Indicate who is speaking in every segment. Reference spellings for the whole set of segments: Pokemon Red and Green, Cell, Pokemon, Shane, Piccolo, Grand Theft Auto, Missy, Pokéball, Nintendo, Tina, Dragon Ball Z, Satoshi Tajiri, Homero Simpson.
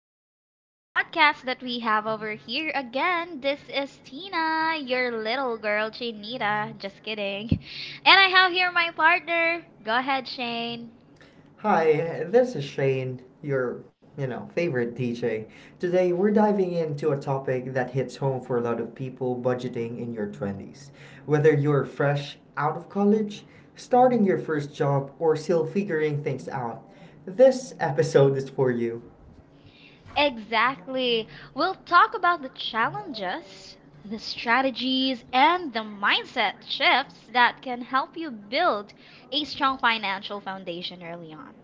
Speaker 1: this podcast that we have over here again. This is Tina, your little girl, Chinita. Just kidding. And I have here my partner. Go ahead, Shane.
Speaker 2: Hi, this is Shane, your favorite DJ. Today we're diving into a topic that hits home for a lot of people, budgeting in your 20s. Whether you're fresh out of college, starting your first job, or still figuring things out, this episode is for you.
Speaker 1: Exactly. We'll talk about the challenges, the strategies, and the mindset shifts that can help you build a strong financial foundation early on.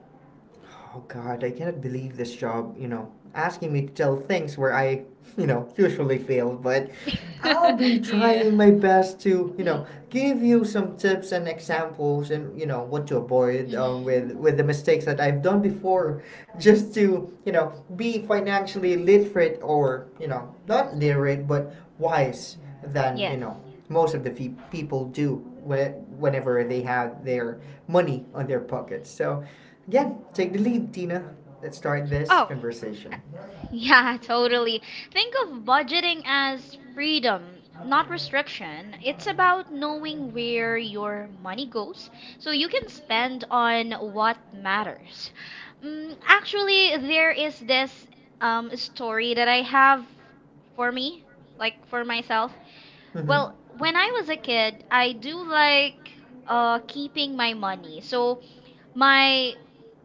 Speaker 2: Oh god, I cannot believe this job, asking me to tell things where I, usually fail, but I'll be
Speaker 1: Yes.
Speaker 2: trying my best to, you know, give you some tips and examples and what to avoid um, with,
Speaker 1: Mhm.
Speaker 2: with the mistakes that I've done before just to be financially literate or not literate but wise than, you
Speaker 1: Yes.
Speaker 2: know, most of the people do whenever they have their money on their pockets. So, again, take the lead, Tina. Let's start this
Speaker 1: Oh,
Speaker 2: conversation.
Speaker 1: yeah, totally. Think of budgeting as freedom, not restriction. It's about knowing where your money goes so you can spend on what matters. Mm, actually, there is this story that I have for me, like for myself.
Speaker 2: Hmm.
Speaker 1: Well, when I was a kid, I do like keeping my money. So my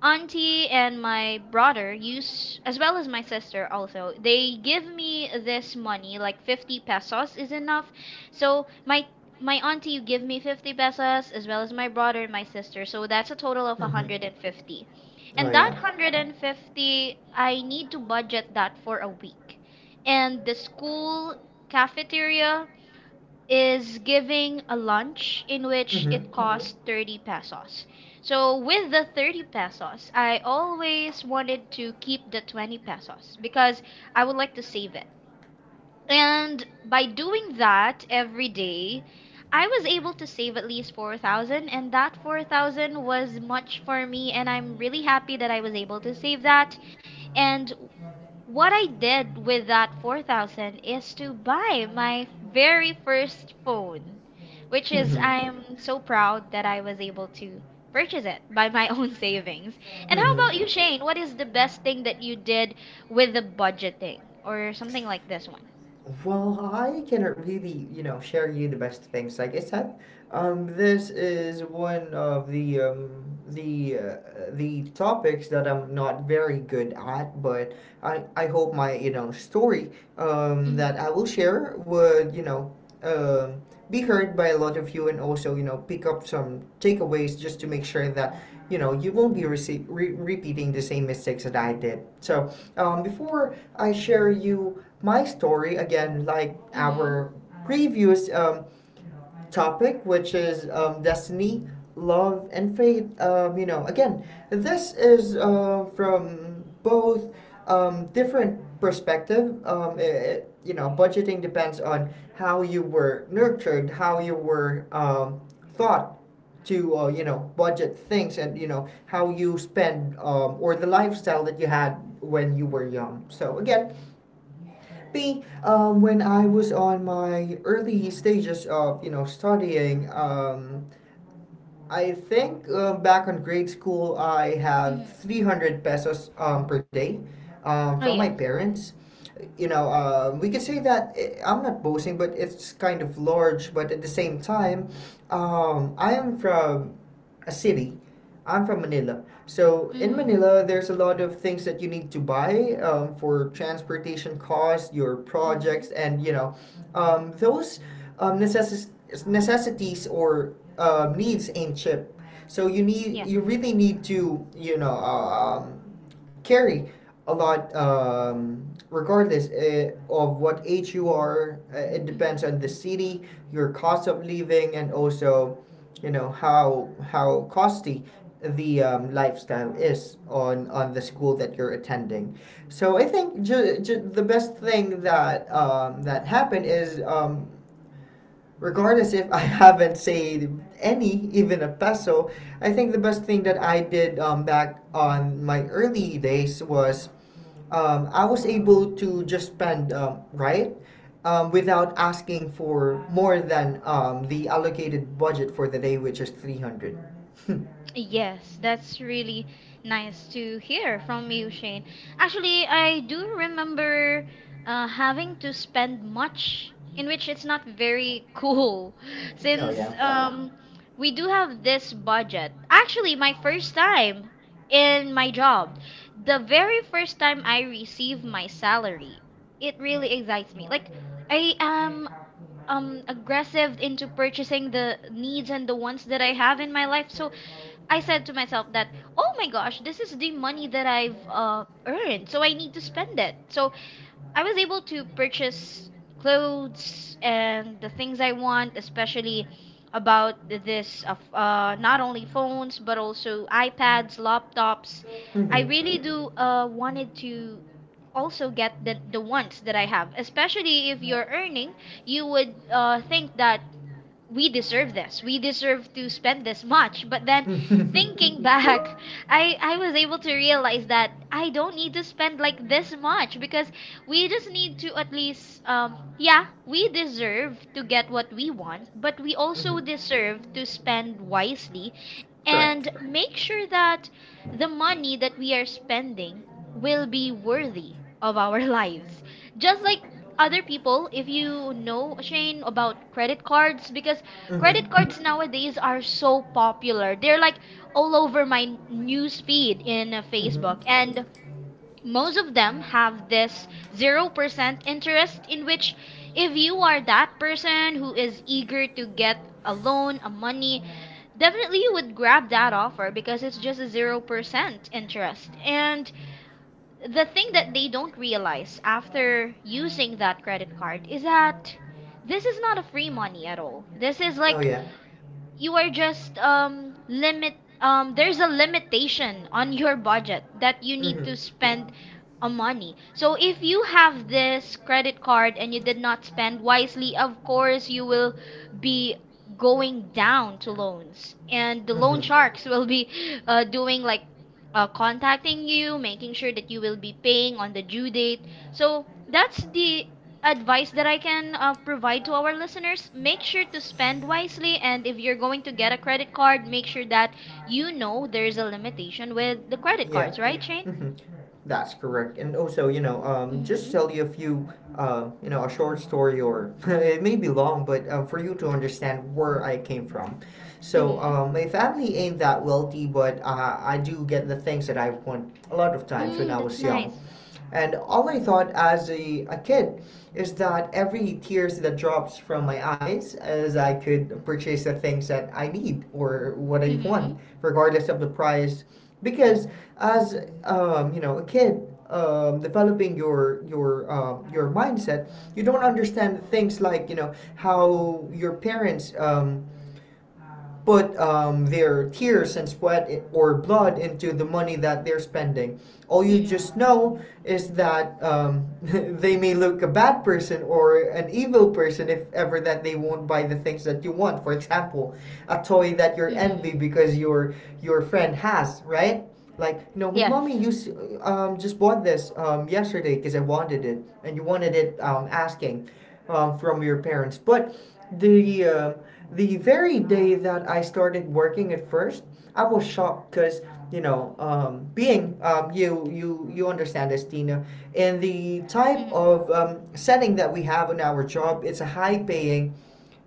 Speaker 1: auntie and my brother use as well as my sister also they give me this money, like 50 pesos is enough. So my auntie give me 50 pesos, as well as my brother and my sister, so that's a total of 150. And
Speaker 2: Oh,
Speaker 1: that
Speaker 2: yeah.
Speaker 1: 150 I need to budget that for a week, and the school cafeteria is giving a lunch in which it cost 30 pesos. So with the 30 pesos, I always wanted to keep the 20 pesos because I would like to save it. And by doing that every day, I was able to save at least 4,000, and that 4,000 was much for me, and I'm really happy that I was able to save that. And what I did with that 4,000 is to buy my very first phone, which is
Speaker 2: Hmm.
Speaker 1: I'm so proud that I was able to purchase it by my own savings. And how
Speaker 2: Hmm.
Speaker 1: about you, Shane? What is the best thing that you did with the budgeting or something like this one?
Speaker 2: Well, I cannot really share you the best things. Like I said, this is one of the topics that I'm not very good at, but I hope my story that
Speaker 1: Mhm.
Speaker 2: I will share would um, be heard by a lot of you, and also pick up some takeaways just to make sure that you won't be repeating the same mistakes that I did. So before I share you my story, again, like
Speaker 1: Mhm.
Speaker 2: our previous topic, which is destiny, love, and faith. Again, this is from both different perspective. Budgeting depends on how you were nurtured, how you were thought to budget things, and how you spend, or the lifestyle that you had when you were young. So again, me, when I was on my early stages of studying. I think, back on grade school, I have three
Speaker 1: Mhm.
Speaker 2: hundred pesos per day
Speaker 1: Oh,
Speaker 2: from my
Speaker 1: yes.
Speaker 2: parents. We could say that, I'm not boasting, but it's kind of large. But at the same time, I am from a city. I'm from Manila. So in
Speaker 1: Mhm.
Speaker 2: Manila, there's a lot of things that you need to buy for transportation costs, your
Speaker 1: Mhm.
Speaker 2: projects, and those um, necess- necessities or needs ain't cheap. So
Speaker 1: Yes.
Speaker 2: you really need to carry a lot, regardless of what age you are. It depends
Speaker 1: Mhm.
Speaker 2: on the city, your cost of living, and also, how costly the lifestyle is on the school that you're attending. So I think the best thing that that happened is, regardless if I haven't saved any, even a peso, I think the best thing that I did back on my early days was, I was able to just spend, right, without asking for more than the allocated budget for the day, which is 300.
Speaker 1: Yes, that's really nice to hear from you, Shane. Actually, I do remember having to spend much, in which it's not very cool,
Speaker 2: Oh,
Speaker 1: since
Speaker 2: yeah.
Speaker 1: we do have this budget. Actually, my first time in my job, the very first time I receive my salary, it really excites me. Like, I am aggressive into purchasing the needs and the wants that I have in my life. So I said to myself that, oh my gosh, this is the money that I've earned, so I need to spend it. So I was able to purchase clothes and the things I want, especially about this of not only phones but also iPads, laptops. I
Speaker 2: Hmm.
Speaker 1: really do wanted to also get the ones that I have, especially if you're earning, you would think that we deserve this. We deserve to spend this much. But then
Speaker 2: Mm-hmm.
Speaker 1: thinking back, I was able to realize that I don't need to spend like this much because we just need to at least yeah, we deserve to get what we want, but we
Speaker 2: Hmm.
Speaker 1: also deserve to spend wisely
Speaker 2: Correct.
Speaker 1: and make sure that the money that we are spending will be worthy of our lives. Just like other people, if you know, Shane, about credit cards, because
Speaker 2: Mm-hmm.
Speaker 1: credit cards nowadays are so popular. They're like all over my news feed in
Speaker 2: Mm-hmm.
Speaker 1: Facebook, and most of them have this 0% interest, in which if you are that person who is eager to get a loan, a money, definitely you would grab that offer because it's just a 0% interest. And the thing that they don't realize after using that credit card is that this is not a free money at all. This is
Speaker 2: Oh,
Speaker 1: like
Speaker 2: yeah.
Speaker 1: you are just limit there's a limitation on your budget that you need to
Speaker 2: Mm-hmm.
Speaker 1: spend a money. So if you have this credit card and you did not spend wisely, of course you will be going down to loans, and the loan
Speaker 2: Mm-hmm.
Speaker 1: sharks will be doing like contacting you, making sure that you will be paying on the due date. So that's the advice that I can provide to our listeners: make sure to spend wisely. And if you're going to get a credit card, make sure that you know there's a limitation with the credit
Speaker 2: Yeah.
Speaker 1: cards, right, Shane?
Speaker 2: Mm-hmm. That's correct. And also, just
Speaker 1: Mm-hmm.
Speaker 2: tell you a few, you know, a short story, or it may be long, but for you to understand where I came from. So,
Speaker 1: Mm-hmm.
Speaker 2: my family ain't that wealthy, but I do get the things that I want a lot of times when
Speaker 1: Mm,
Speaker 2: I
Speaker 1: that's
Speaker 2: was young.
Speaker 1: nice.
Speaker 2: And all I thought as a kid is that every tears that drops from my eyes is I could purchase the things that I need or what I
Speaker 1: Mm-hmm.
Speaker 2: want, regardless of the price. Because as a kid developing your mindset, you don't understand things like how your parents. Put their tears and sweat or blood into the money that they're spending. All you
Speaker 1: Mm-mm.
Speaker 2: just know is that they may look a bad person or an evil person if ever that they won't buy the things that you want. For example, a toy that you're envy
Speaker 1: Mm-hmm.
Speaker 2: because your friend has, right? Like, my
Speaker 1: Yes.
Speaker 2: mommy used just bought this yesterday because I wanted it, and you wanted it, asking, from your parents. But the um the very day that I started working at first, I was shocked because, being, you understand this, Tina, in the type
Speaker 1: Mm-hmm.
Speaker 2: of setting that we have in our job, it's a high paying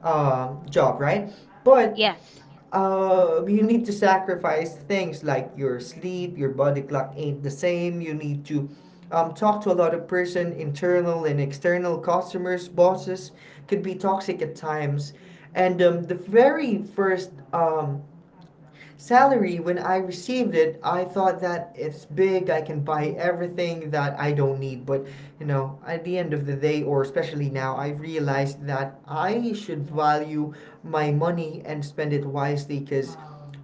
Speaker 2: job, right? But
Speaker 1: Yes.
Speaker 2: you need to sacrifice things like your sleep. Your body clock ain't the same. You need to talk to a lot of person, internal and external customers. Bosses could be toxic at times. And the very first salary, when I received it, I thought that it's big. I can buy everything that I don't need. But, at the end of the day, or especially now, I realized that I should value my money and spend it wisely. Because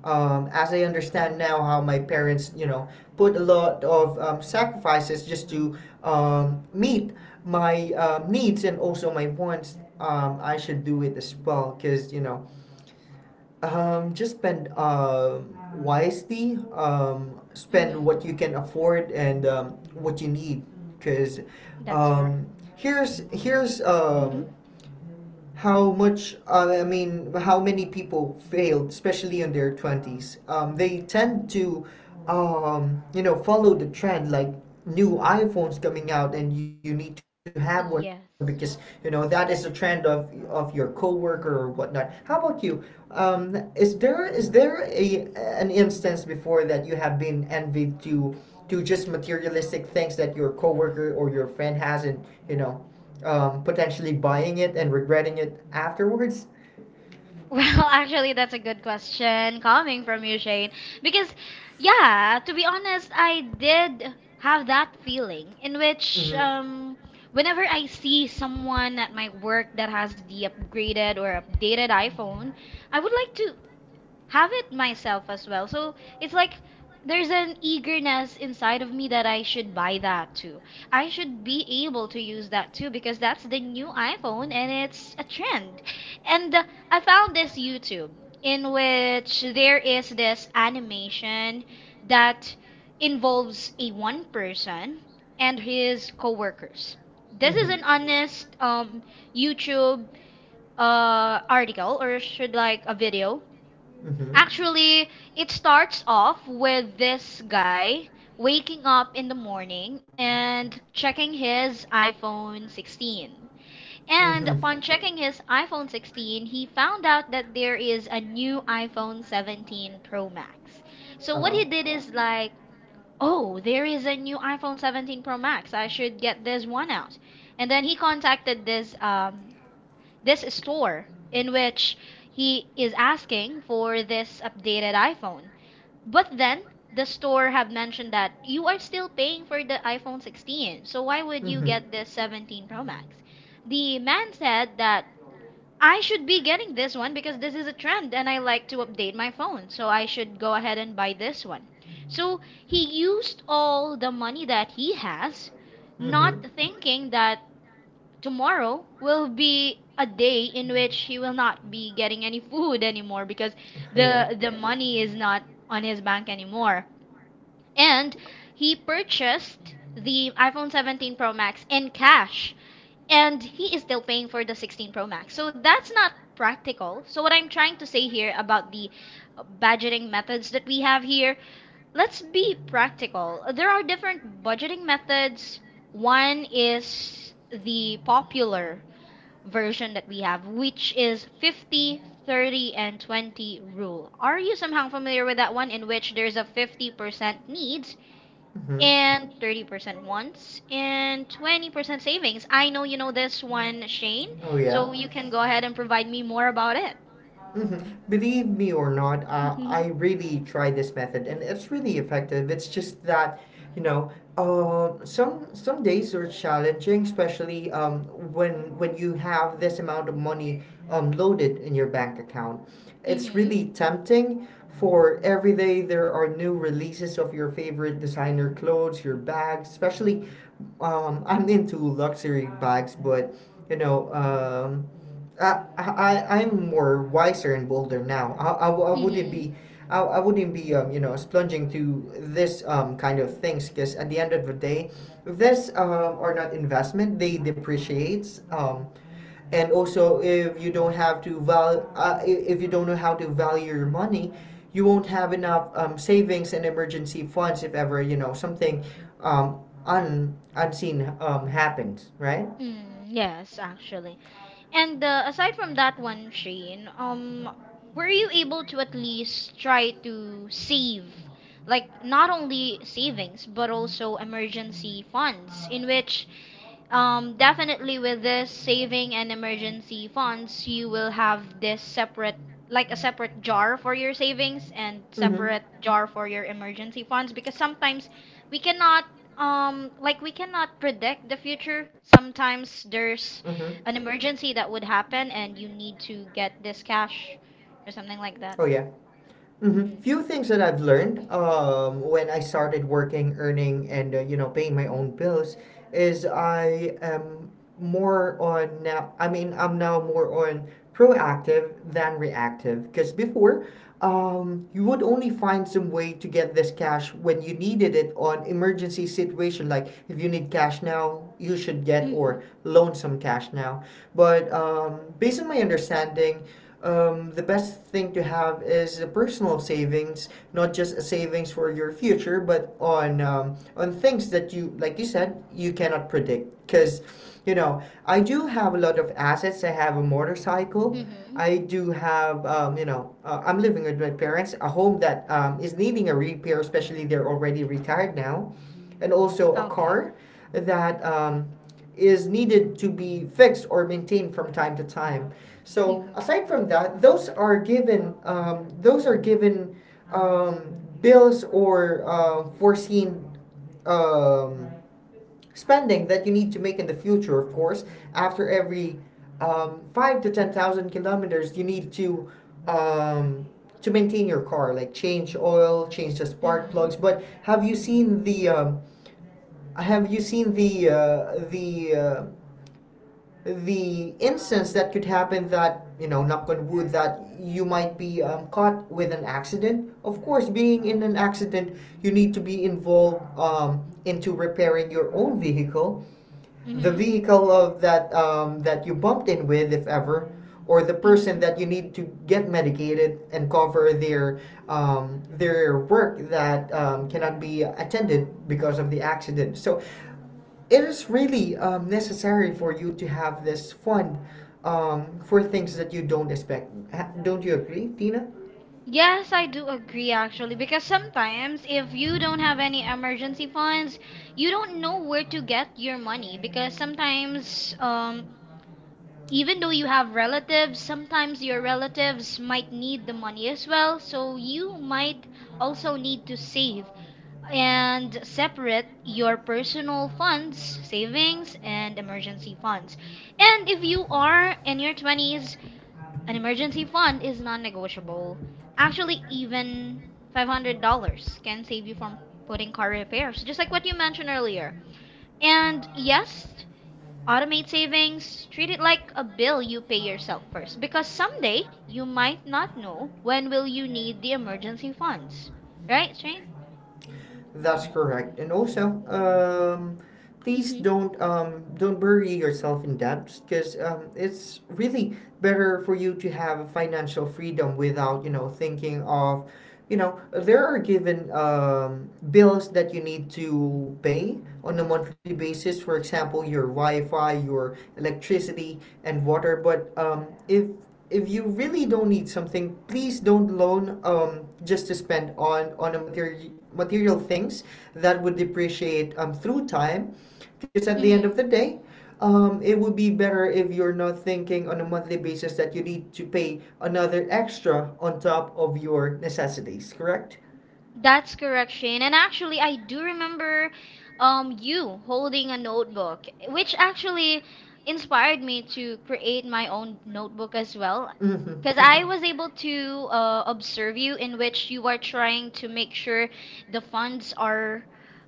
Speaker 2: as I understand now how my parents put a lot of sacrifices just to meet my needs and also my wants, I should do it as well, because, just spend, wisely, spend
Speaker 1: Mm-hmm.
Speaker 2: what you can afford and what you need. Because
Speaker 1: That's correct.
Speaker 2: um, here's, here's,
Speaker 1: Mm-hmm.
Speaker 2: um, how much, I mean, how many people failed, especially in their twenties. They tend to follow the trend, like new iPhones coming out, and you need to have one because that
Speaker 1: Yes.
Speaker 2: is a trend of your coworker or whatnot. How about you? Is there a an instance before that you have been envied to just materialistic things that your coworker or your friend has, and you know? Potentially buying it and regretting it afterwards.
Speaker 1: Well, actually, that's a good question coming from you, Shane. Because, yeah, to be honest, I did have that feeling in which,
Speaker 2: Mm-hmm.
Speaker 1: whenever I see someone at my work that has the upgraded or updated iPhone, I would like to have it myself as well. So it's like there's an eagerness inside of me that I should buy that too. I should be able to use that too because that's the new iPhone and it's a trend. And I found this YouTube in which there is this animation that involves a one person and his coworkers. This is an
Speaker 2: Mm-hmm.
Speaker 1: honest YouTube article, or should like a video.
Speaker 2: Mm-hmm.
Speaker 1: Actually, it starts off with this guy waking up in the morning and checking his iPhone 16. And
Speaker 2: Mm-hmm.
Speaker 1: upon checking his iPhone 16, he found out that there is a new iPhone 17 Pro Max. So what he
Speaker 2: Uh-huh.
Speaker 1: did is like, oh, there is a new iPhone 17 Pro Max. I should get this one out. And then he contacted this this store, in which he is asking for this updated iPhone. But then the store have mentioned that you are still paying for the iPhone 16. So why would you
Speaker 2: Mm-hmm.
Speaker 1: get this 17 Pro Max? The man said that I should be getting this one because this is a trend and I like to update my phone. So I should go ahead and buy this one. So he used all the money that he has,
Speaker 2: Mm-hmm.
Speaker 1: not thinking that tomorrow will be a day in which he will not be getting any food anymore because
Speaker 2: Yeah.
Speaker 1: the money is not on his bank anymore. And he purchased the iPhone 17 Pro Max in cash and he is still paying for the 16 Pro Max. So that's not practical. So what I'm trying to say here about the budgeting methods that we have here, let's be practical. There are different budgeting methods. One is the popular version that we have, which is 50, 30, and 20 rule. Are you somehow familiar with that one, in which there's a 50% needs
Speaker 2: Mm-hmm.
Speaker 1: and 30% wants and 20% savings? I know you know this one, Shane,
Speaker 2: Oh, yeah.
Speaker 1: so you can go ahead and provide me more about it.
Speaker 2: Mhm. Believe me or not, I really tried this method and it's really effective. It's just that, you know, uh, some some days are challenging, especially when you have this amount of money loaded in your bank account.
Speaker 1: Mm-hmm.
Speaker 2: It's
Speaker 1: Mm-hmm.
Speaker 2: really tempting. For every day, there are new releases of your favorite designer clothes, your bags, especially. I'm into luxury bags, but, you know. I'm more wiser and bolder now. I wouldn't
Speaker 1: Mm-hmm.
Speaker 2: be. I wouldn't be splunging to this kind of things, because at the end of the day, this are not investment. They depreciates. And also, if you don't know how to value your money, you won't have enough savings and emergency funds if ever something un unseen happens. Right.
Speaker 1: Mm, yes, actually. And aside from that one, Shane, were you able to at least try to save, like not only savings but also emergency funds, in which definitely with this saving and emergency funds, you will have this separate, like a separate jar for your savings and
Speaker 2: Mm-hmm.
Speaker 1: separate jar for your emergency funds, because sometimes we cannot, like we cannot predict the future.
Speaker 2: Mm-hmm.
Speaker 1: Sometimes there's an emergency that would happen and you need to get this cash or
Speaker 2: Oh,
Speaker 1: something
Speaker 2: yeah.
Speaker 1: like that.
Speaker 2: Hmm. Few
Speaker 1: Mm-hmm.
Speaker 2: things that I've learned, when I started working, earning, and, paying my own bills, is I am more on now. I mean, I'm now more on proactive than reactive, because before, you would only find some way to get this cash when you needed it on emergency situation, like if you need cash now you should get or
Speaker 1: Mm-hmm.
Speaker 2: loan some cash now. But, based on my understanding, the best thing to have is a personal savings, not just a savings for your future, but on on things that you, like you said, you cannot predict. Because, I do have a lot of assets. I have a motorcycle.
Speaker 1: Mm-hmm.
Speaker 2: I do have, I'm living with my parents. A home that is needing a repair, especially they're already retired now, and also a
Speaker 1: Okay.
Speaker 2: car that is needed to be fixed or maintained from time to time. So
Speaker 1: Mm-hmm.
Speaker 2: aside from that, those are given um, bills or foreseen um, spending that you need to make in the future. Of course, after every five to ten thousand kilometers, you need um, to maintain your car, like change oil, change the spark
Speaker 1: Mm-hmm.
Speaker 2: plugs. But have you seen the have you seen the instance that could happen that, knock on wood, that you might be caught with an accident? Of course, being in an accident, you need to be involved into repairing your own vehicle, the
Speaker 1: Mm-hmm.
Speaker 2: vehicle of that you bumped in with, if ever, or the person
Speaker 1: Mm-hmm.
Speaker 2: that you need to get medicated and cover their, their work that cannot be attended because of the accident. So it is really necessary for you to have this fund for things that you don't expect. Don't you agree, Tina?
Speaker 1: Yes, I do agree actually, because sometimes if you don't have any emergency funds, you don't know where to get your money, because sometimes even though you have relatives, sometimes your relatives might need the money as well, so you might also need to save and separate your personal funds, savings and emergency funds. And if you are in your 20s, an emergency fund is non-negotiable. Actually, even $500 can save you from putting car repairs, just like what you mentioned earlier. And yes, automate savings, treat it like a bill you pay yourself first, because someday you might not know when will you need the emergency funds, right, Shane?
Speaker 2: That's correct. And also, please
Speaker 1: Mhm.
Speaker 2: don't bury yourself in debt because it's really better for you to have financial freedom without thinking of there are given bills that you need to pay on a monthly basis, for example your wi-fi, your electricity, and water. But if you really don't need something, please don't loan just to spend on a material material things that would depreciate through time, because at the end of
Speaker 1: Mhm.
Speaker 2: the day, it would be better if you're not thinking on a monthly basis that you need to pay another extra on top of your necessities, correct?
Speaker 1: That's correct, Shane. And actually, I do remember you holding a notebook, which actually inspired me to create my own notebook as well.
Speaker 2: Mm-hmm.
Speaker 1: Because I was able to observe you, in which you are trying to make sure the funds are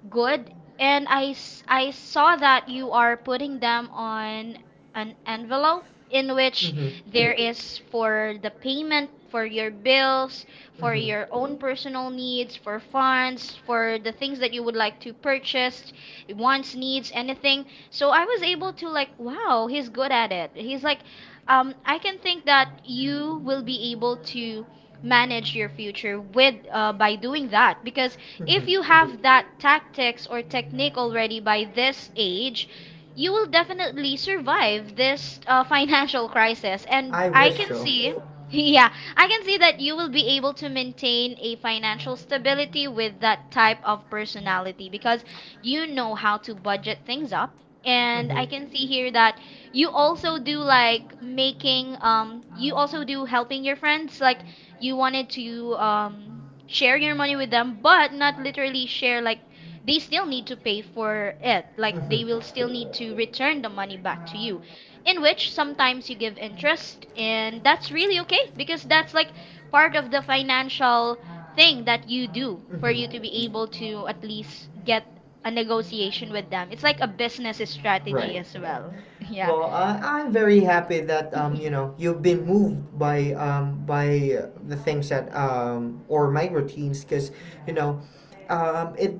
Speaker 1: good. And I saw that you are putting them on an envelope, in which there is for the payment for your bills, for your own personal needs, for funds, for the things that you would like to purchase, wants, needs, anything. So I was able to like, wow, he's good at it. He's like, I can think that you will be able to manage your future with by doing that, because if you have that tactics or technique already by this age, you will definitely survive this financial crisis and
Speaker 2: I
Speaker 1: I
Speaker 2: wish
Speaker 1: can
Speaker 2: so.
Speaker 1: see yeah I can see that you will be able to maintain a financial stability with that type of personality because you know how to budget things up. And I can see here that you also do like making, you also do helping your friends. Like you wanted to share your money with them, but not literally share, like they still need to pay for it. Like they
Speaker 2: Mm-hmm.
Speaker 1: will still need to return the money back to you in which sometimes you give interest, and that's really okay because that's like part of the financial thing that you do for
Speaker 2: Mm-hmm.
Speaker 1: you to be able to at least get a negotiation with them. It's like a business strategy
Speaker 2: Right.
Speaker 1: as well. Yeah.
Speaker 2: Well, I'm very happy that
Speaker 1: Mhm.
Speaker 2: you know you've been moved by the things that or my routines, because you know um, it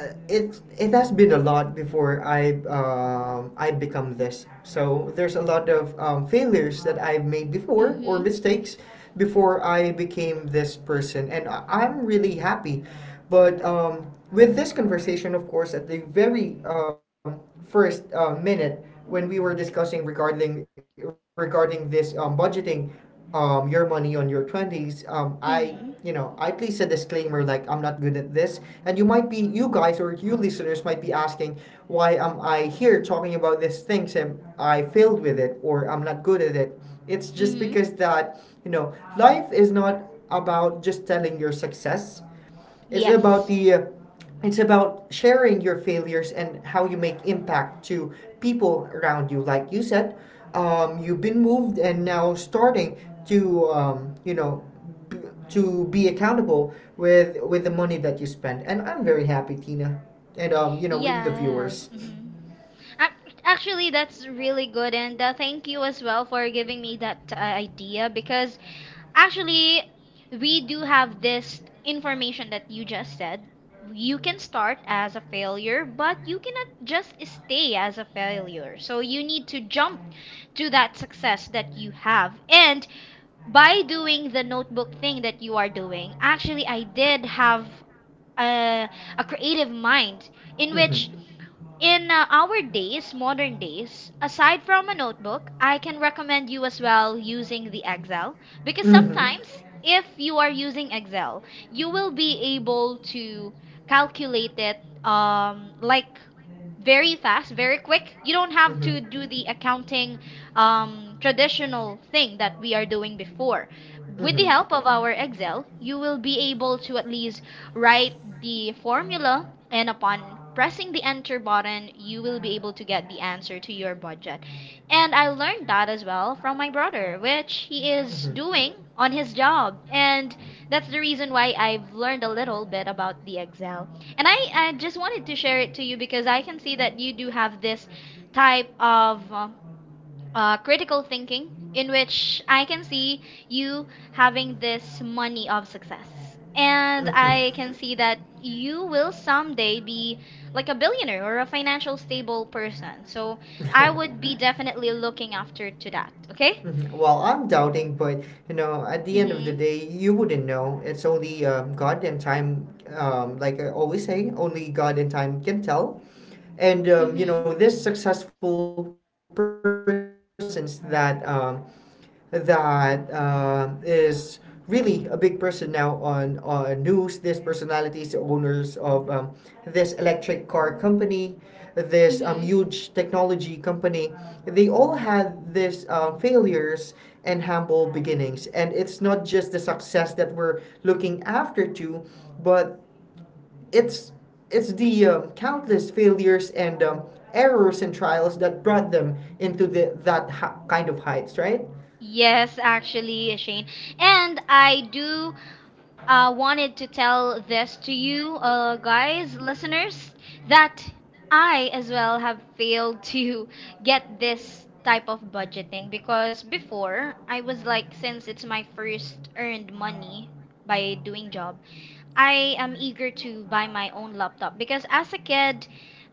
Speaker 2: it has been a lot before I become this. So there's a lot of failures that I've made before, or
Speaker 1: Mhm.
Speaker 2: mistakes before I became this person, and I'm really happy. But with this conversation, of course, at the very first minute, when we were discussing regarding this budgeting, your money on your 20s, I you know,
Speaker 1: Mhm.
Speaker 2: I place a disclaimer like I'm not good at this, and you might be, you guys or you listeners might be asking why am I here talking about these things and I failed with it, or I'm not good at it. It's just
Speaker 1: Mhm.
Speaker 2: because that you know life is not about just telling your success. It's about
Speaker 1: Yes.
Speaker 2: the it's about sharing your failures and how you make impact to people around you. Like you said, you've been moved and now starting to you know b- to be accountable with the money that you spend. And I'm very happy, Tina, and you know, with the
Speaker 1: Yes.
Speaker 2: viewers.
Speaker 1: Mhm. Actually, that's really good, and thank you as well for giving me that idea because actually, we do have this information that you just said. You can start as a failure, but you cannot just stay as a failure. So you need to jump to that success that you have. And by doing the notebook thing that you are doing, actually, I did have a, a creative mind in
Speaker 2: Mm-hmm.
Speaker 1: which in our days, modern days, aside from a notebook, I can recommend you as well using the Excel because
Speaker 2: Mm-hmm.
Speaker 1: sometimes if you are using Excel, you will be able to calculate it like very fast, very quick. You don't have to
Speaker 2: Mm-hmm.
Speaker 1: do the accounting traditional thing that we are doing before. With the
Speaker 2: Mm-hmm.
Speaker 1: help of our Excel, you will be able to at least write the formula, and upon pressing the enter button, you will be able to get the answer to your budget. And I learned that as well from my brother, which he is
Speaker 2: Mm-hmm.
Speaker 1: doing on his job. And that's the reason why I've learned a little bit about the Excel. And I just wanted to share it to you because I can see that you do have this type of critical thinking in which I can see you having this money of success. And I can see that you will someday be like a billionaire or a financial stable person. So I
Speaker 2: Mm-hmm.
Speaker 1: would be definitely looking after to that, okay?
Speaker 2: Mhm. Well, I'm doubting, but you know, at the end of the
Speaker 1: Mhm.
Speaker 2: day, you wouldn't know. It's only God and time, like I always say, only God and time can tell. And you
Speaker 1: Mhm.
Speaker 2: know, these successful persons that is really a big person now on news. This personality is the owners of this electric car company, this
Speaker 1: Mhm.
Speaker 2: huge technology company. They all had this failures and humble beginnings, and it's not just the success that we're looking after to, but it's it's the countless failures and errors and trials that brought them into the that ha- kind of heights, right?
Speaker 1: Yes, actually, Shane. And I do wanted to tell this to you, guys, listeners, that I as well have failed to get this type of budgeting because before I was like, since it's my first earned money by doing job, I am eager to buy my own laptop because as a kid,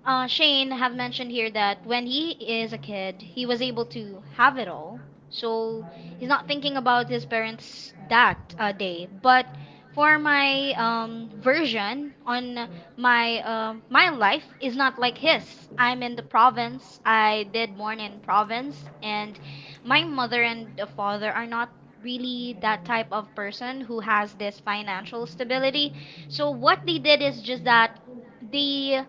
Speaker 1: Shane have mentioned here that when he is a kid, he was able to have it all. So he's not thinking about his parents that day. But for my version on my life is not like his. I'm in the province. I did born in province, and my mother and the father are not really that type of person who has this financial stability. So what they did is just that they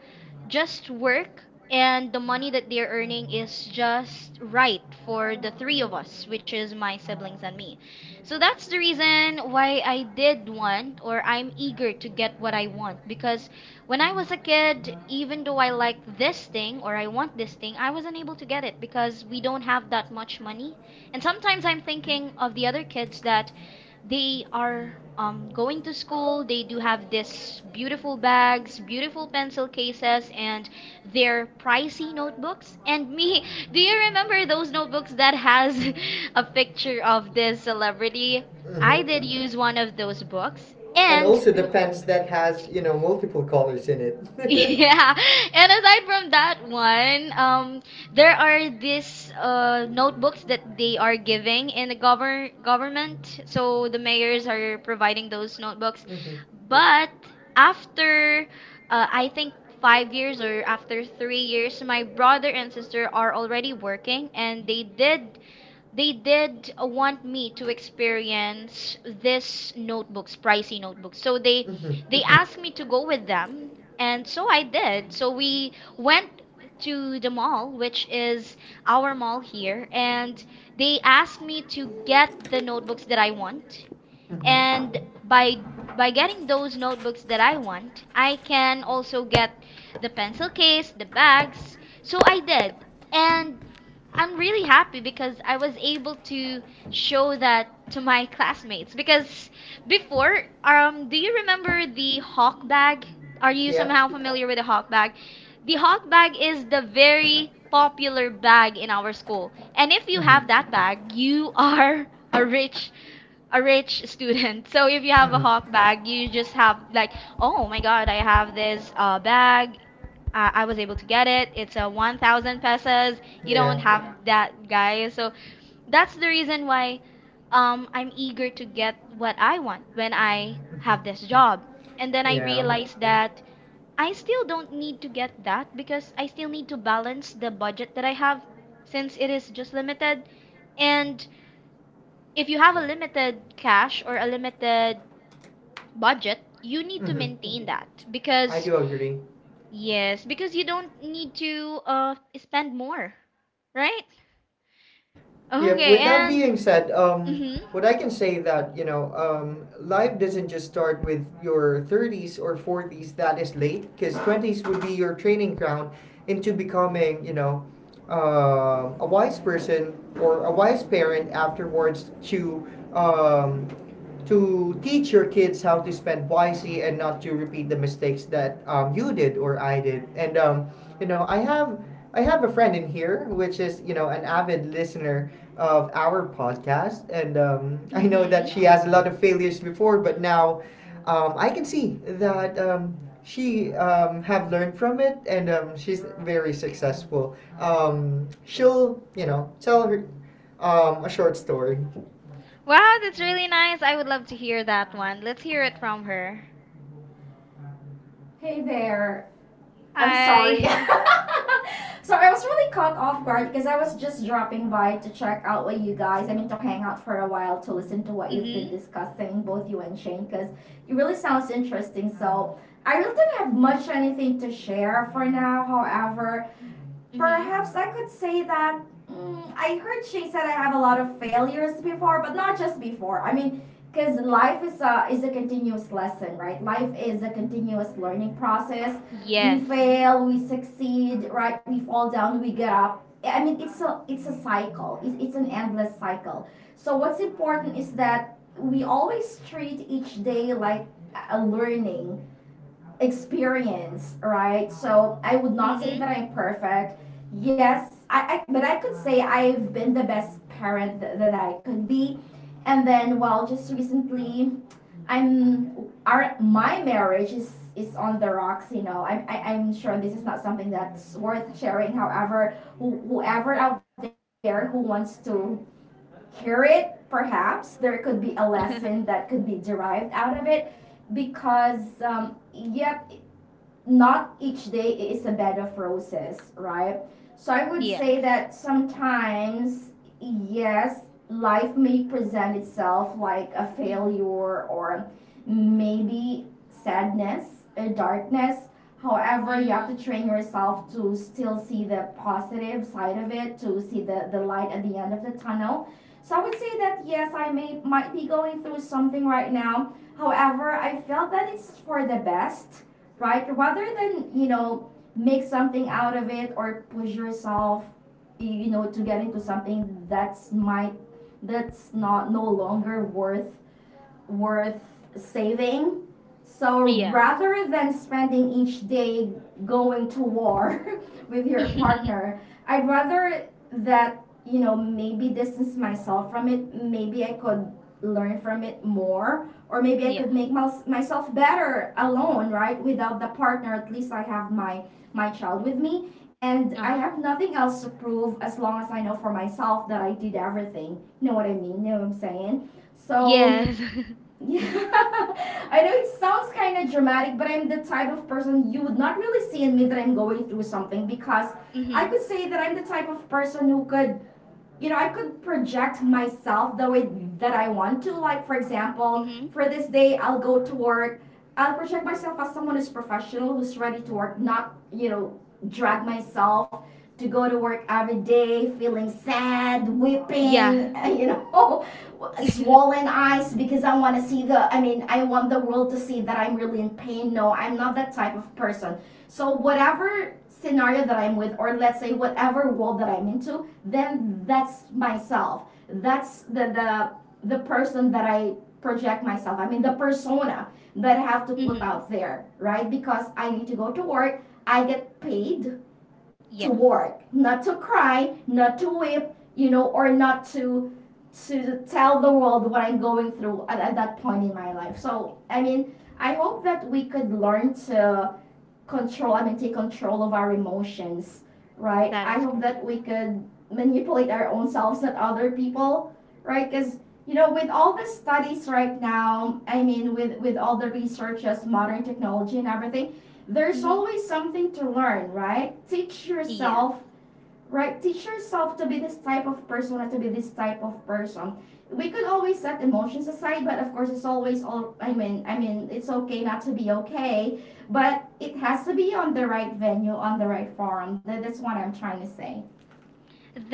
Speaker 1: just work, and the money that they're earning is just right for the three of us, which is my siblings and me. So that's the reason why I did want, or I'm eager to get what I want, because when I was a kid, even though I like this thing or I want this thing, I wasn't able to get it because we don't have that much money. And sometimes I'm thinking of the other kids that they are going to school. They do have this beautiful bags, beautiful pencil cases, and their pricey notebooks. And me, do you remember those notebooks that has a picture of this celebrity?
Speaker 2: so,
Speaker 1: I did
Speaker 2: hmm
Speaker 1: use one of those books,
Speaker 2: And
Speaker 1: and
Speaker 2: also the pens that has you know multiple colors in it.
Speaker 1: yeah. And aside from that one, there are these notebooks that they are giving in the government. So the mayors are providing those notebooks.
Speaker 2: Mm-hmm.
Speaker 1: But after, I think 5 years or after 3 years, my brother and sister are already working, and they did want me to experience this notebooks, pricey notebooks. So
Speaker 2: Mm-hmm.
Speaker 1: they, mhm, asked me to go with them, and so I did. So we went to the mall, which is our mall here, and they asked me to get the notebooks that I want.
Speaker 2: Mm-hmm.
Speaker 1: And by by getting those notebooks that I want, I can also get the pencil case, the bags. So I did. And I'm really happy because I was able to show that to my classmates because before, do you remember the hawk bag? Are you
Speaker 2: Yeah.
Speaker 1: somehow familiar with the hawk bag? The hawk bag is the very popular bag in our school. And if you have
Speaker 2: Mhm.
Speaker 1: that bag, you are a rich student. So if you have a
Speaker 2: Mhm.
Speaker 1: hawk bag, you just have like, oh my god, I have this bag, I was able to get it. It's a 1,000 pesos. You don't
Speaker 2: Yeah.
Speaker 1: have that, guys. So that's the reason why I'm eager to get what I want when I have
Speaker 2: Mhm.
Speaker 1: this job. And then I
Speaker 2: Yeah.
Speaker 1: realized that I still don't need to get that because I still need to balance the budget that I have since it is just limited. And if you have a limited cash or a limited budget, you need to
Speaker 2: Mhm.
Speaker 1: maintain that
Speaker 2: I
Speaker 1: because
Speaker 2: do agree.
Speaker 1: yes, because you don't need to spend more, right?
Speaker 2: Yeah.
Speaker 1: Okay,
Speaker 2: With that
Speaker 1: and
Speaker 2: being said,
Speaker 1: mhm.
Speaker 2: what I can say that you know, life doesn't just start with your thirties or forties. That is late, because twenties would be your training ground into becoming, you know, a wise person or a wise parent afterwards, um, to teach your kids how to spend wisely and not to repeat the mistakes that you did or I did. And you know, I have a friend in here which is, you know, an avid listener of our podcast, and I know that
Speaker 1: Mhm.
Speaker 2: she has a lot of failures before, but now I can see that. She have learned from it, and she's very successful. She'll you know tell her a short story.
Speaker 1: Wow, that's really nice. I would love to hear that one. Let's hear it from her.
Speaker 2: Hey there, I'm sorry.
Speaker 1: Hi.
Speaker 2: So I was really caught off guard because I was just dropping by to check out with you guys. I mean, to hang out for a while to listen to what you've been
Speaker 1: Mhm.
Speaker 2: discussing, both you and Shane, because it really sounds interesting. So I really didn't have much anything to share for now. However,
Speaker 1: Mhm.
Speaker 2: perhaps I could say that I heard she said I have a lot of failures before, but not just before. I mean, because life is a continuous lesson, right? Life is a continuous learning process. We
Speaker 1: Yes. Mhm.
Speaker 2: fail, we succeed, right? We fall down, we get up. I mean, it's a cycle. It's an endless cycle. So what's important is that we always treat each day like a learning experience, right? So I would not say
Speaker 1: Mhm.
Speaker 2: that I'm perfect. Yes, I but I could say I've been the best parent that I could be. And then, well, just recently, I'm our my marriage is on the rocks, you know. I'm sure this is not something that's worth sharing. However, whoever out there who wants to hear it, perhaps there could be a lesson that could be derived out of it, because not each day is a bed of roses, right? So I would say
Speaker 1: Yes.
Speaker 2: that sometimes, yes, life may present itself like a
Speaker 1: Mhm.
Speaker 2: failure, or maybe sadness, a darkness. However, you have to
Speaker 1: Mhm.
Speaker 2: train yourself to still see the positive side of it, to see the light at the end of the tunnel. So I would say that yes, I may might be going through something right now. However, I felt that it's for the best, right? Rather than, you know, make something out of it or push yourself, you know, to get into something that's might that's not no longer worth saving. So
Speaker 1: Yes.
Speaker 2: rather than spending each day going to war with your partner, I'd rather that, you know, maybe distance myself from it. Maybe I could learn from it more, or maybe I
Speaker 1: Yes.
Speaker 2: could make myself better alone, right? Without the partner, at least I have my child with me, and I
Speaker 1: Uh-huh.
Speaker 2: have nothing else to prove as long as I know for myself that I did everything. You know what I mean? You know what I'm saying? So
Speaker 1: Yes.
Speaker 2: yeah, I know it sounds kind of dramatic, but I'm the type of person you would not really see in me that I'm going through something, because I
Speaker 1: Mhm.
Speaker 2: could say that I'm the type of person who could, you know, I could project myself the way that I want to. Like, for example,
Speaker 1: Mhm.
Speaker 2: for this day, I'll go to work. I'll project myself as someone who's professional, who's ready to work, not, you know, drag myself to go to work every day feeling sad,
Speaker 1: Yeah.
Speaker 2: weeping, you know, swollen eyes because I want to see the, I mean, I want the world to see that I'm really in pain. No, I'm not that type of person. So, whatever scenario that I'm with, or let's say whatever world that I'm into, then that's myself. That's the person that I project myself. I mean, the persona that I have to put
Speaker 1: Mhm.
Speaker 2: out there, right? Because I need to go to work. I get paid to
Speaker 1: Yes.
Speaker 2: work, not to cry, not to weep, you know, or not to to tell the world what I'm going through at that point in my life. So, I mean, I hope that we could learn to control, I mean, take control of our emotions, right?
Speaker 1: That
Speaker 2: I
Speaker 1: is
Speaker 2: hope
Speaker 1: correct.
Speaker 2: that we could manipulate our own selves, not other people, right? Because you know, with all the studies right now, I mean, with all the researches, modern technology and everything, there's
Speaker 1: Hmm.
Speaker 2: always something to learn, right? Teach
Speaker 1: Yes.
Speaker 2: yourself, right? Teach yourself to be this type of person and to be this type of person. We could always set emotions aside, but of course it's always all, I mean it's okay not to be okay, but it has to be on the right venue, on the right forum. That's what I'm trying to say.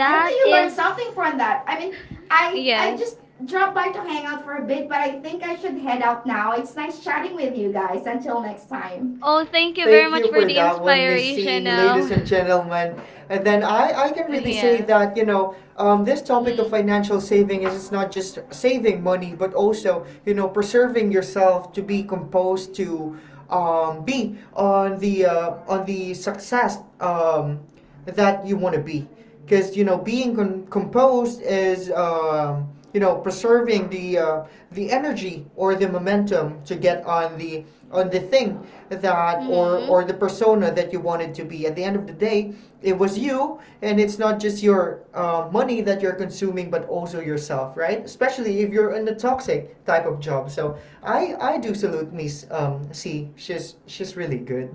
Speaker 2: I hope that you learned something
Speaker 1: is.
Speaker 2: from that. I mean, I
Speaker 1: Yes.
Speaker 2: just dropped by to hang out for a bit, but I think I should head out now. It's nice chatting with you guys. Until next time.
Speaker 1: Oh, thank you very
Speaker 2: Thank
Speaker 1: much
Speaker 2: you
Speaker 1: for
Speaker 2: for
Speaker 1: the
Speaker 2: that one, Missy, ladies
Speaker 1: inspirational.
Speaker 2: and gentlemen. And then I can really say
Speaker 1: Yes.
Speaker 2: that, you know, this topic of
Speaker 1: Mm-hmm.
Speaker 2: financial saving is not just saving money, but also, you know, preserving yourself to be composed, to be on the success that you want to be, because you know being composed is, you know, preserving the energy or the momentum to get on the, on the thing that,
Speaker 1: Mm-hmm.
Speaker 2: or the persona that you wanted to be. At the end of the day, it was you, and it's not just your money that you're consuming, but also yourself, right? Especially if you're in a toxic type of job. So I do salute Miss C. She's really good.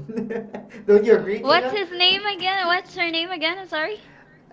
Speaker 2: Don't you agree,
Speaker 1: What's
Speaker 2: Tina?
Speaker 1: his name again? What's her name again? I'm sorry.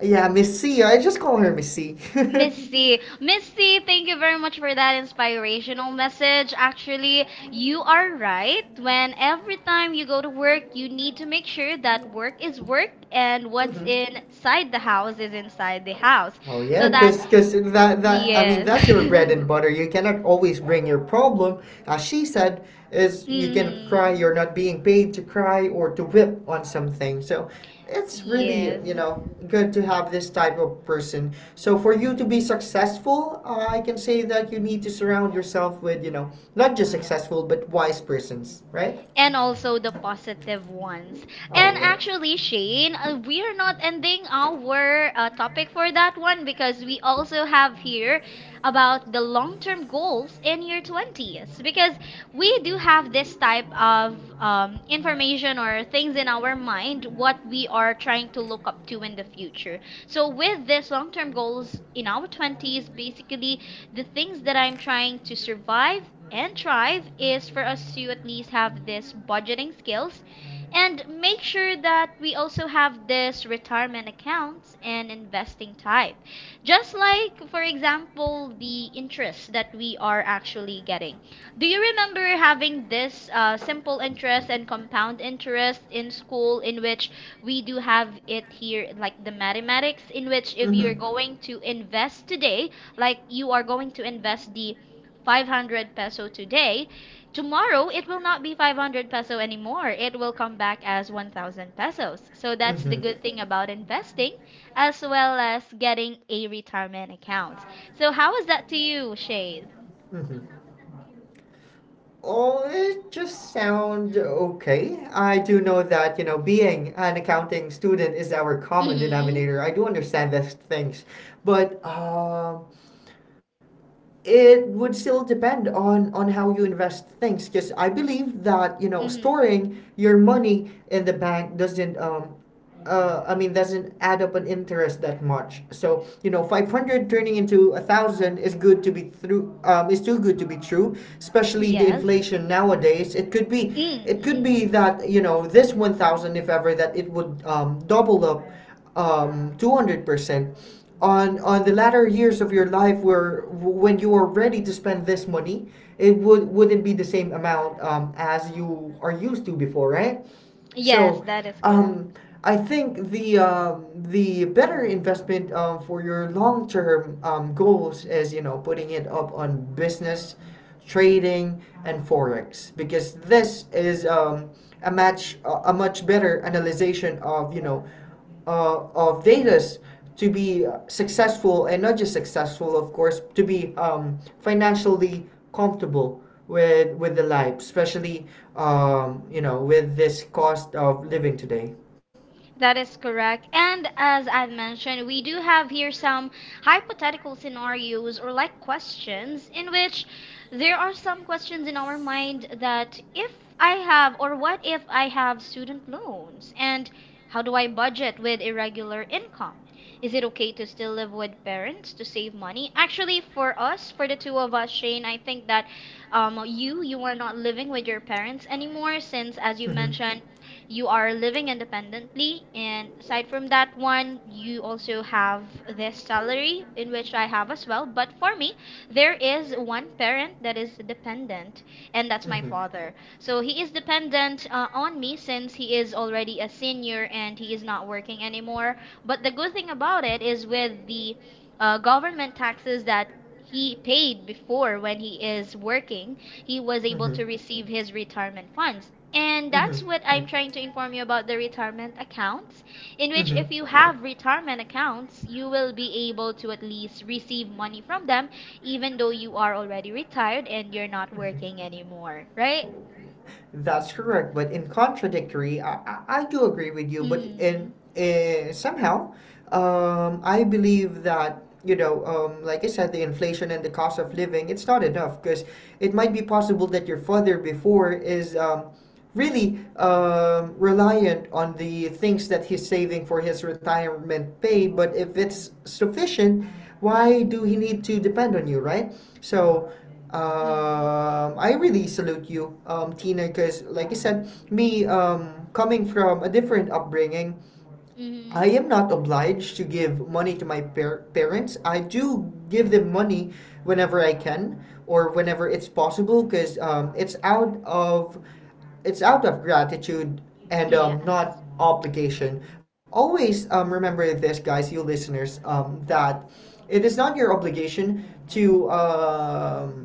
Speaker 2: Yeah, Missy. I just call her Missy.
Speaker 1: Miss
Speaker 2: Mm-hmm.
Speaker 1: C. Miss C, thank you very much for that inspirational message. Actually, you are right. When every time you go to work, you need to make sure that work is work and what's inside the house is inside the house.
Speaker 2: Oh
Speaker 1: So
Speaker 2: yeah,
Speaker 1: that,
Speaker 2: cause
Speaker 1: yes.
Speaker 2: that's your bread and butter. You cannot always bring your problem. As she said, is you cannot cry. You're
Speaker 1: Hmm.
Speaker 2: not being paid to cry or to whip on something. So it's really
Speaker 1: Yes.
Speaker 2: good to have this type of person. So for you to be successful, I can say that you need to surround yourself with, you know, not just successful but wise persons, right?
Speaker 1: And also the positive ones.
Speaker 2: Oh
Speaker 1: And
Speaker 2: yeah.
Speaker 1: actually, Shane, we are not ending our topic for that one because we also have here about the long term goals in your 20s because we do have this type of information or things in our mind what we are trying to look up to in the future. So, with this long term goals in our 20s, basically, the things that I'm trying to survive and thrive is for us to at least have this budgeting skills and make sure that we also have this retirement accounts and investing type. Just like, for example, the interest that we are actually getting. Do you remember having this simple interest and compound interest in school, in which we do have it here, like the mathematics, in which if you're going to invest today, like you are going to invest the 500 peso today, tomorrow it will not be 500 peso anymore, it will come back as 1,000 pesos. So that's the good thing
Speaker 2: Mm-hmm.
Speaker 1: about investing as well as getting a retirement account. So how is that to you,
Speaker 2: Mm-hmm.
Speaker 1: shade?
Speaker 2: Oh, it just sound okay. I do know that, you know, being an accounting student is our common
Speaker 1: Mhm.
Speaker 2: denominator. I do understand these things, but it would still depend on how you invest things. Because I believe that, you know,
Speaker 1: Mhm.
Speaker 2: storing your money in the bank doesn't doesn't add up an interest that much. So you know, 500 turning into a thousand is good to be through. Is too good to be true, especially the
Speaker 1: Yes.
Speaker 2: inflation nowadays.
Speaker 1: Mm,
Speaker 2: It could
Speaker 1: mhm.
Speaker 2: be that you know this 1,000, if ever, that it would, double up, 200%. On the latter years of your life where when you are ready to spend this money it would wouldn't be the same amount, as you are used to before, right?
Speaker 1: Yes,
Speaker 2: So,
Speaker 1: that is correct.
Speaker 2: um, I think the, the better investment, for your long term, goals is, you know, putting it up on business, trading, and forex because this is, a match a much better analysis of, you know, of Vedas to be successful and not just successful, of course, to be, financially comfortable with the life, especially, you know, with this cost of living today.
Speaker 1: That is correct. And as I've mentioned, we do have here some hypothetical scenarios or like questions in which there are some questions in our mind that if I have, or what if I have student loans, and how do I budget with irregular income? Is it okay to still live with parents to save money? Actually, for us, for the two of us, Shane, I think that you are not living with your parents anymore since, as you mentioned, you are living independently, and aside from that one, you also have this salary in which I have as well. But for me, there is one parent that is dependent, and that's my
Speaker 2: Hmm
Speaker 1: father. So he is dependent on me since he is already a senior and he is not working anymore. But the good thing about it is with the government taxes that he paid before when he is working, he was able to
Speaker 2: hmm
Speaker 1: receive his retirement funds. And that's
Speaker 2: hmm
Speaker 1: what I'm trying to inform you about the retirement accounts, in which
Speaker 2: hmm
Speaker 1: if you have retirement accounts, you will be able to at least receive money from them, even though you are already retired and you're not working anymore, right?
Speaker 2: That's correct. But in contradictory, I do agree with you. But
Speaker 1: Mm.
Speaker 2: in somehow, I believe that, you know, like I said, the inflation and the cost of living, it's not enough because it might be possible that your father before is, really, reliant on the things that he's saving for his retirement pay. But if it's sufficient, why
Speaker 1: Mm.
Speaker 2: do he need to depend on you, right? So,
Speaker 1: Mm.
Speaker 2: I really salute you, Tina, because like I said, me, coming from a different upbringing, I
Speaker 1: Mm.
Speaker 2: am not obliged to give money to my parents. I do give them money whenever I can or whenever it's possible, because, it's out of gratitude and,
Speaker 1: Yes.
Speaker 2: not obligation. Always, remember this, guys, you listeners, that it is not your obligation to.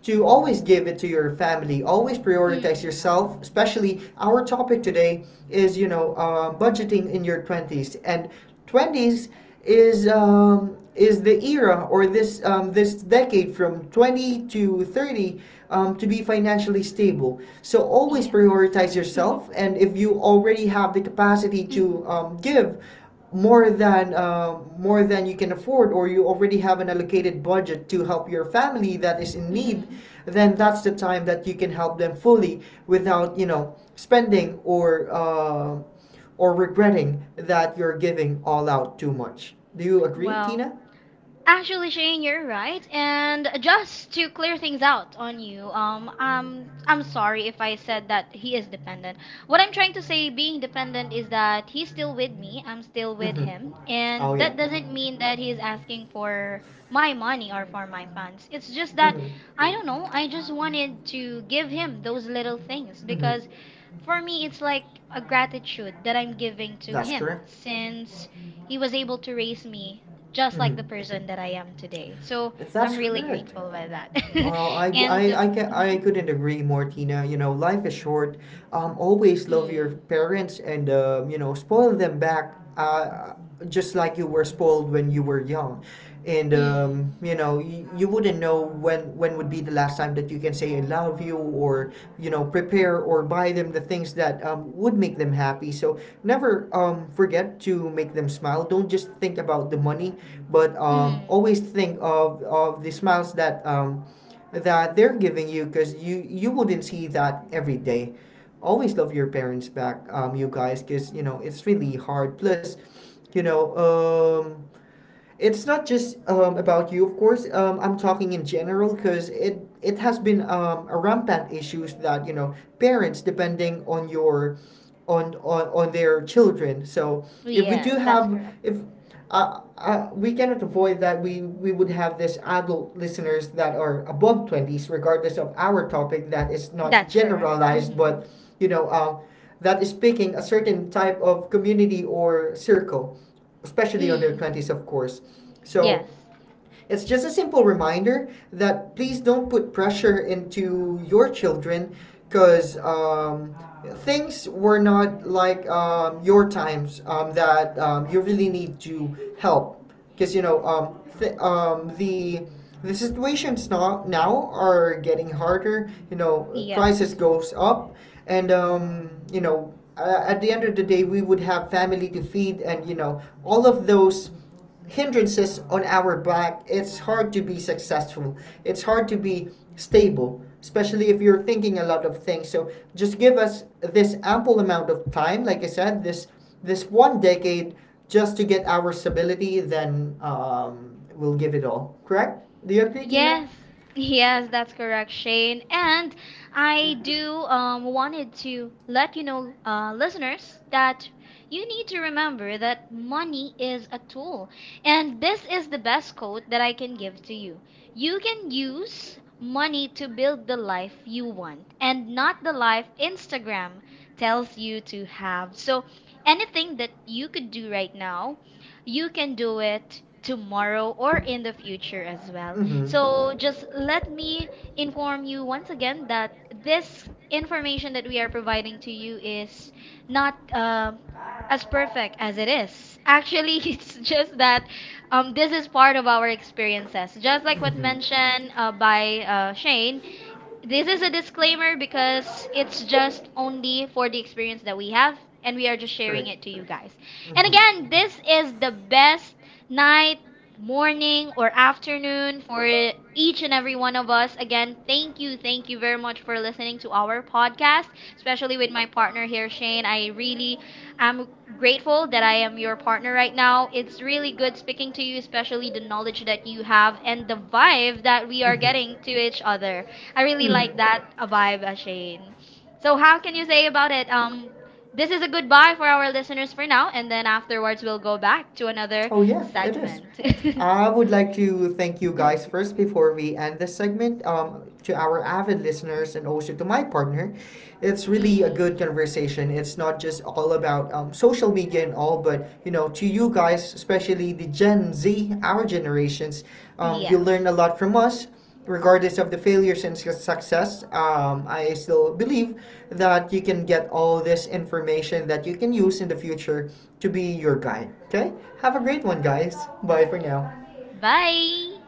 Speaker 2: To always give it to your family. Always prioritize
Speaker 1: Mm.
Speaker 2: yourself. Especially our topic today is, you know, budgeting in your twenties, and twenties is, is the era or this, this decade from 20 to 30, to be financially stable. So always
Speaker 1: Yes.
Speaker 2: prioritize
Speaker 1: Mm-hmm.
Speaker 2: yourself, and if you already have the capacity
Speaker 1: Mm-hmm.
Speaker 2: to, give more than, more than you can afford, or you already have an allocated budget to help your family that is in need,
Speaker 1: Mm-hmm.
Speaker 2: then that's the time that you can help them fully without, you know, spending or, or regretting that you're giving all out too much. Do you agree,
Speaker 1: Well,
Speaker 2: Tina?
Speaker 1: actually, Shane, you're right. And just to clear things out on you, I'm sorry if I said that he is dependent. What I'm trying to say, being dependent, is that he's still with me. I'm still with
Speaker 2: Mm-hmm.
Speaker 1: him,
Speaker 2: Oh
Speaker 1: and
Speaker 2: yeah.
Speaker 1: that doesn't mean that he's asking for my money or for my funds. It's just that
Speaker 2: Mm-hmm.
Speaker 1: I don't know. I just wanted to give him those little things
Speaker 2: Mm-hmm.
Speaker 1: because for me, it's like a gratitude that I'm giving to
Speaker 2: That's
Speaker 1: him
Speaker 2: correct.
Speaker 1: since he was able to raise me just like the
Speaker 2: Mm-hmm.
Speaker 1: person that I am today. So I'm
Speaker 2: That's
Speaker 1: really
Speaker 2: correct.
Speaker 1: grateful by that.
Speaker 2: Well, I, d-
Speaker 1: And
Speaker 2: I, ca- I
Speaker 1: mhm.
Speaker 2: couldn't agree more, Tina. You know, life is short. Always love your
Speaker 1: Mm.
Speaker 2: parents and, you know, spoil them back, just like you were spoiled when you were young. And,
Speaker 1: Mm.
Speaker 2: you know, you wouldn't know when would be the last time that you can say I love you, or, you know, prepare or buy them the things that, would make them happy. So never, forget to make them smile. Don't just think about the money, but,
Speaker 1: Mm.
Speaker 2: always think of the smiles that... that they're giving you because you wouldn't see that every day. Always love your parents back, you guys, because you know it's really hard, plus you know, it's not just, about you, of course. I'm talking in general because it has been, a rampant issues that you know parents depending on your on their children. So if we do
Speaker 1: Yes, that's
Speaker 2: have
Speaker 1: correct.
Speaker 2: if we cannot avoid that we would have this adult listeners that are above twenties, regardless of our topic that is not
Speaker 1: That's correct.
Speaker 2: generalized,
Speaker 1: Hmm.
Speaker 2: but you know. That is picking a certain type of community or circle, especially on their
Speaker 1: Mm.
Speaker 2: 20s, of course. So
Speaker 1: Yes,
Speaker 2: it's just a simple reminder that please don't put pressure into your children, because, things were not like, your times, that, you really need to help because you know, the situations now are getting harder, you know, prices
Speaker 1: yes.
Speaker 2: goes up and, you know, at the end of the day we would have family to feed and you know all of those hindrances on our back, it's hard to be successful. It's hard to be stable, especially if you're thinking a lot of things. So just give us this ample amount of time, like I said, this one decade just to get our stability, then, we'll give it all. Correct? Do you agree, Tina?
Speaker 1: Yes, yes, that's correct, Shane. And I do wanted to let you know, listeners, that you need to remember that money is a tool. And this is the best quote that I can give to you. You can use money to build the life you want, and not the life Instagram tells you to have. So anything that you could do right now, you can do it tomorrow or in the future as well.
Speaker 2: Mm-hmm.
Speaker 1: So just let me inform you once again that this information that we are providing to you is not as perfect as it is. Actually, it's just that this is part of our experiences. Just like what mentioned by Shane, this is a disclaimer because it's just only for the experience that we have, and we are just sharing
Speaker 2: Correct.
Speaker 1: it to you guys. And
Speaker 2: Mm-hmm.
Speaker 1: again, this is the best night, morning, or afternoon for each and every one of us. Again, thank you very much for listening to our podcast, especially with my partner here, Shane. I really am grateful that I am your partner right now. It's really good speaking to you, especially the knowledge that you have and the vibe that we are
Speaker 2: Mm-hmm.
Speaker 1: getting to each other. I really
Speaker 2: Mm-hmm.
Speaker 1: like that vibe, Shane. So how can you say about it? This is a goodbye for our listeners for now, and then afterwards we'll go back to another
Speaker 2: Oh, yeah, it is.
Speaker 1: segment.
Speaker 2: I would like to thank you guys first before we end this segment, to our avid listeners and also to my partner. It's really a
Speaker 1: Mm,
Speaker 2: good conversation. It's not just all about, social media and all, but you know, to you guys, especially the Gen Z, our generations, you
Speaker 1: yes.
Speaker 2: learn a lot from us, regardless of the failures and success. I still believe that you can get all this information that you can use in the future to be your guide. Okay? Have a great one, guys. Bye for now.
Speaker 1: Bye.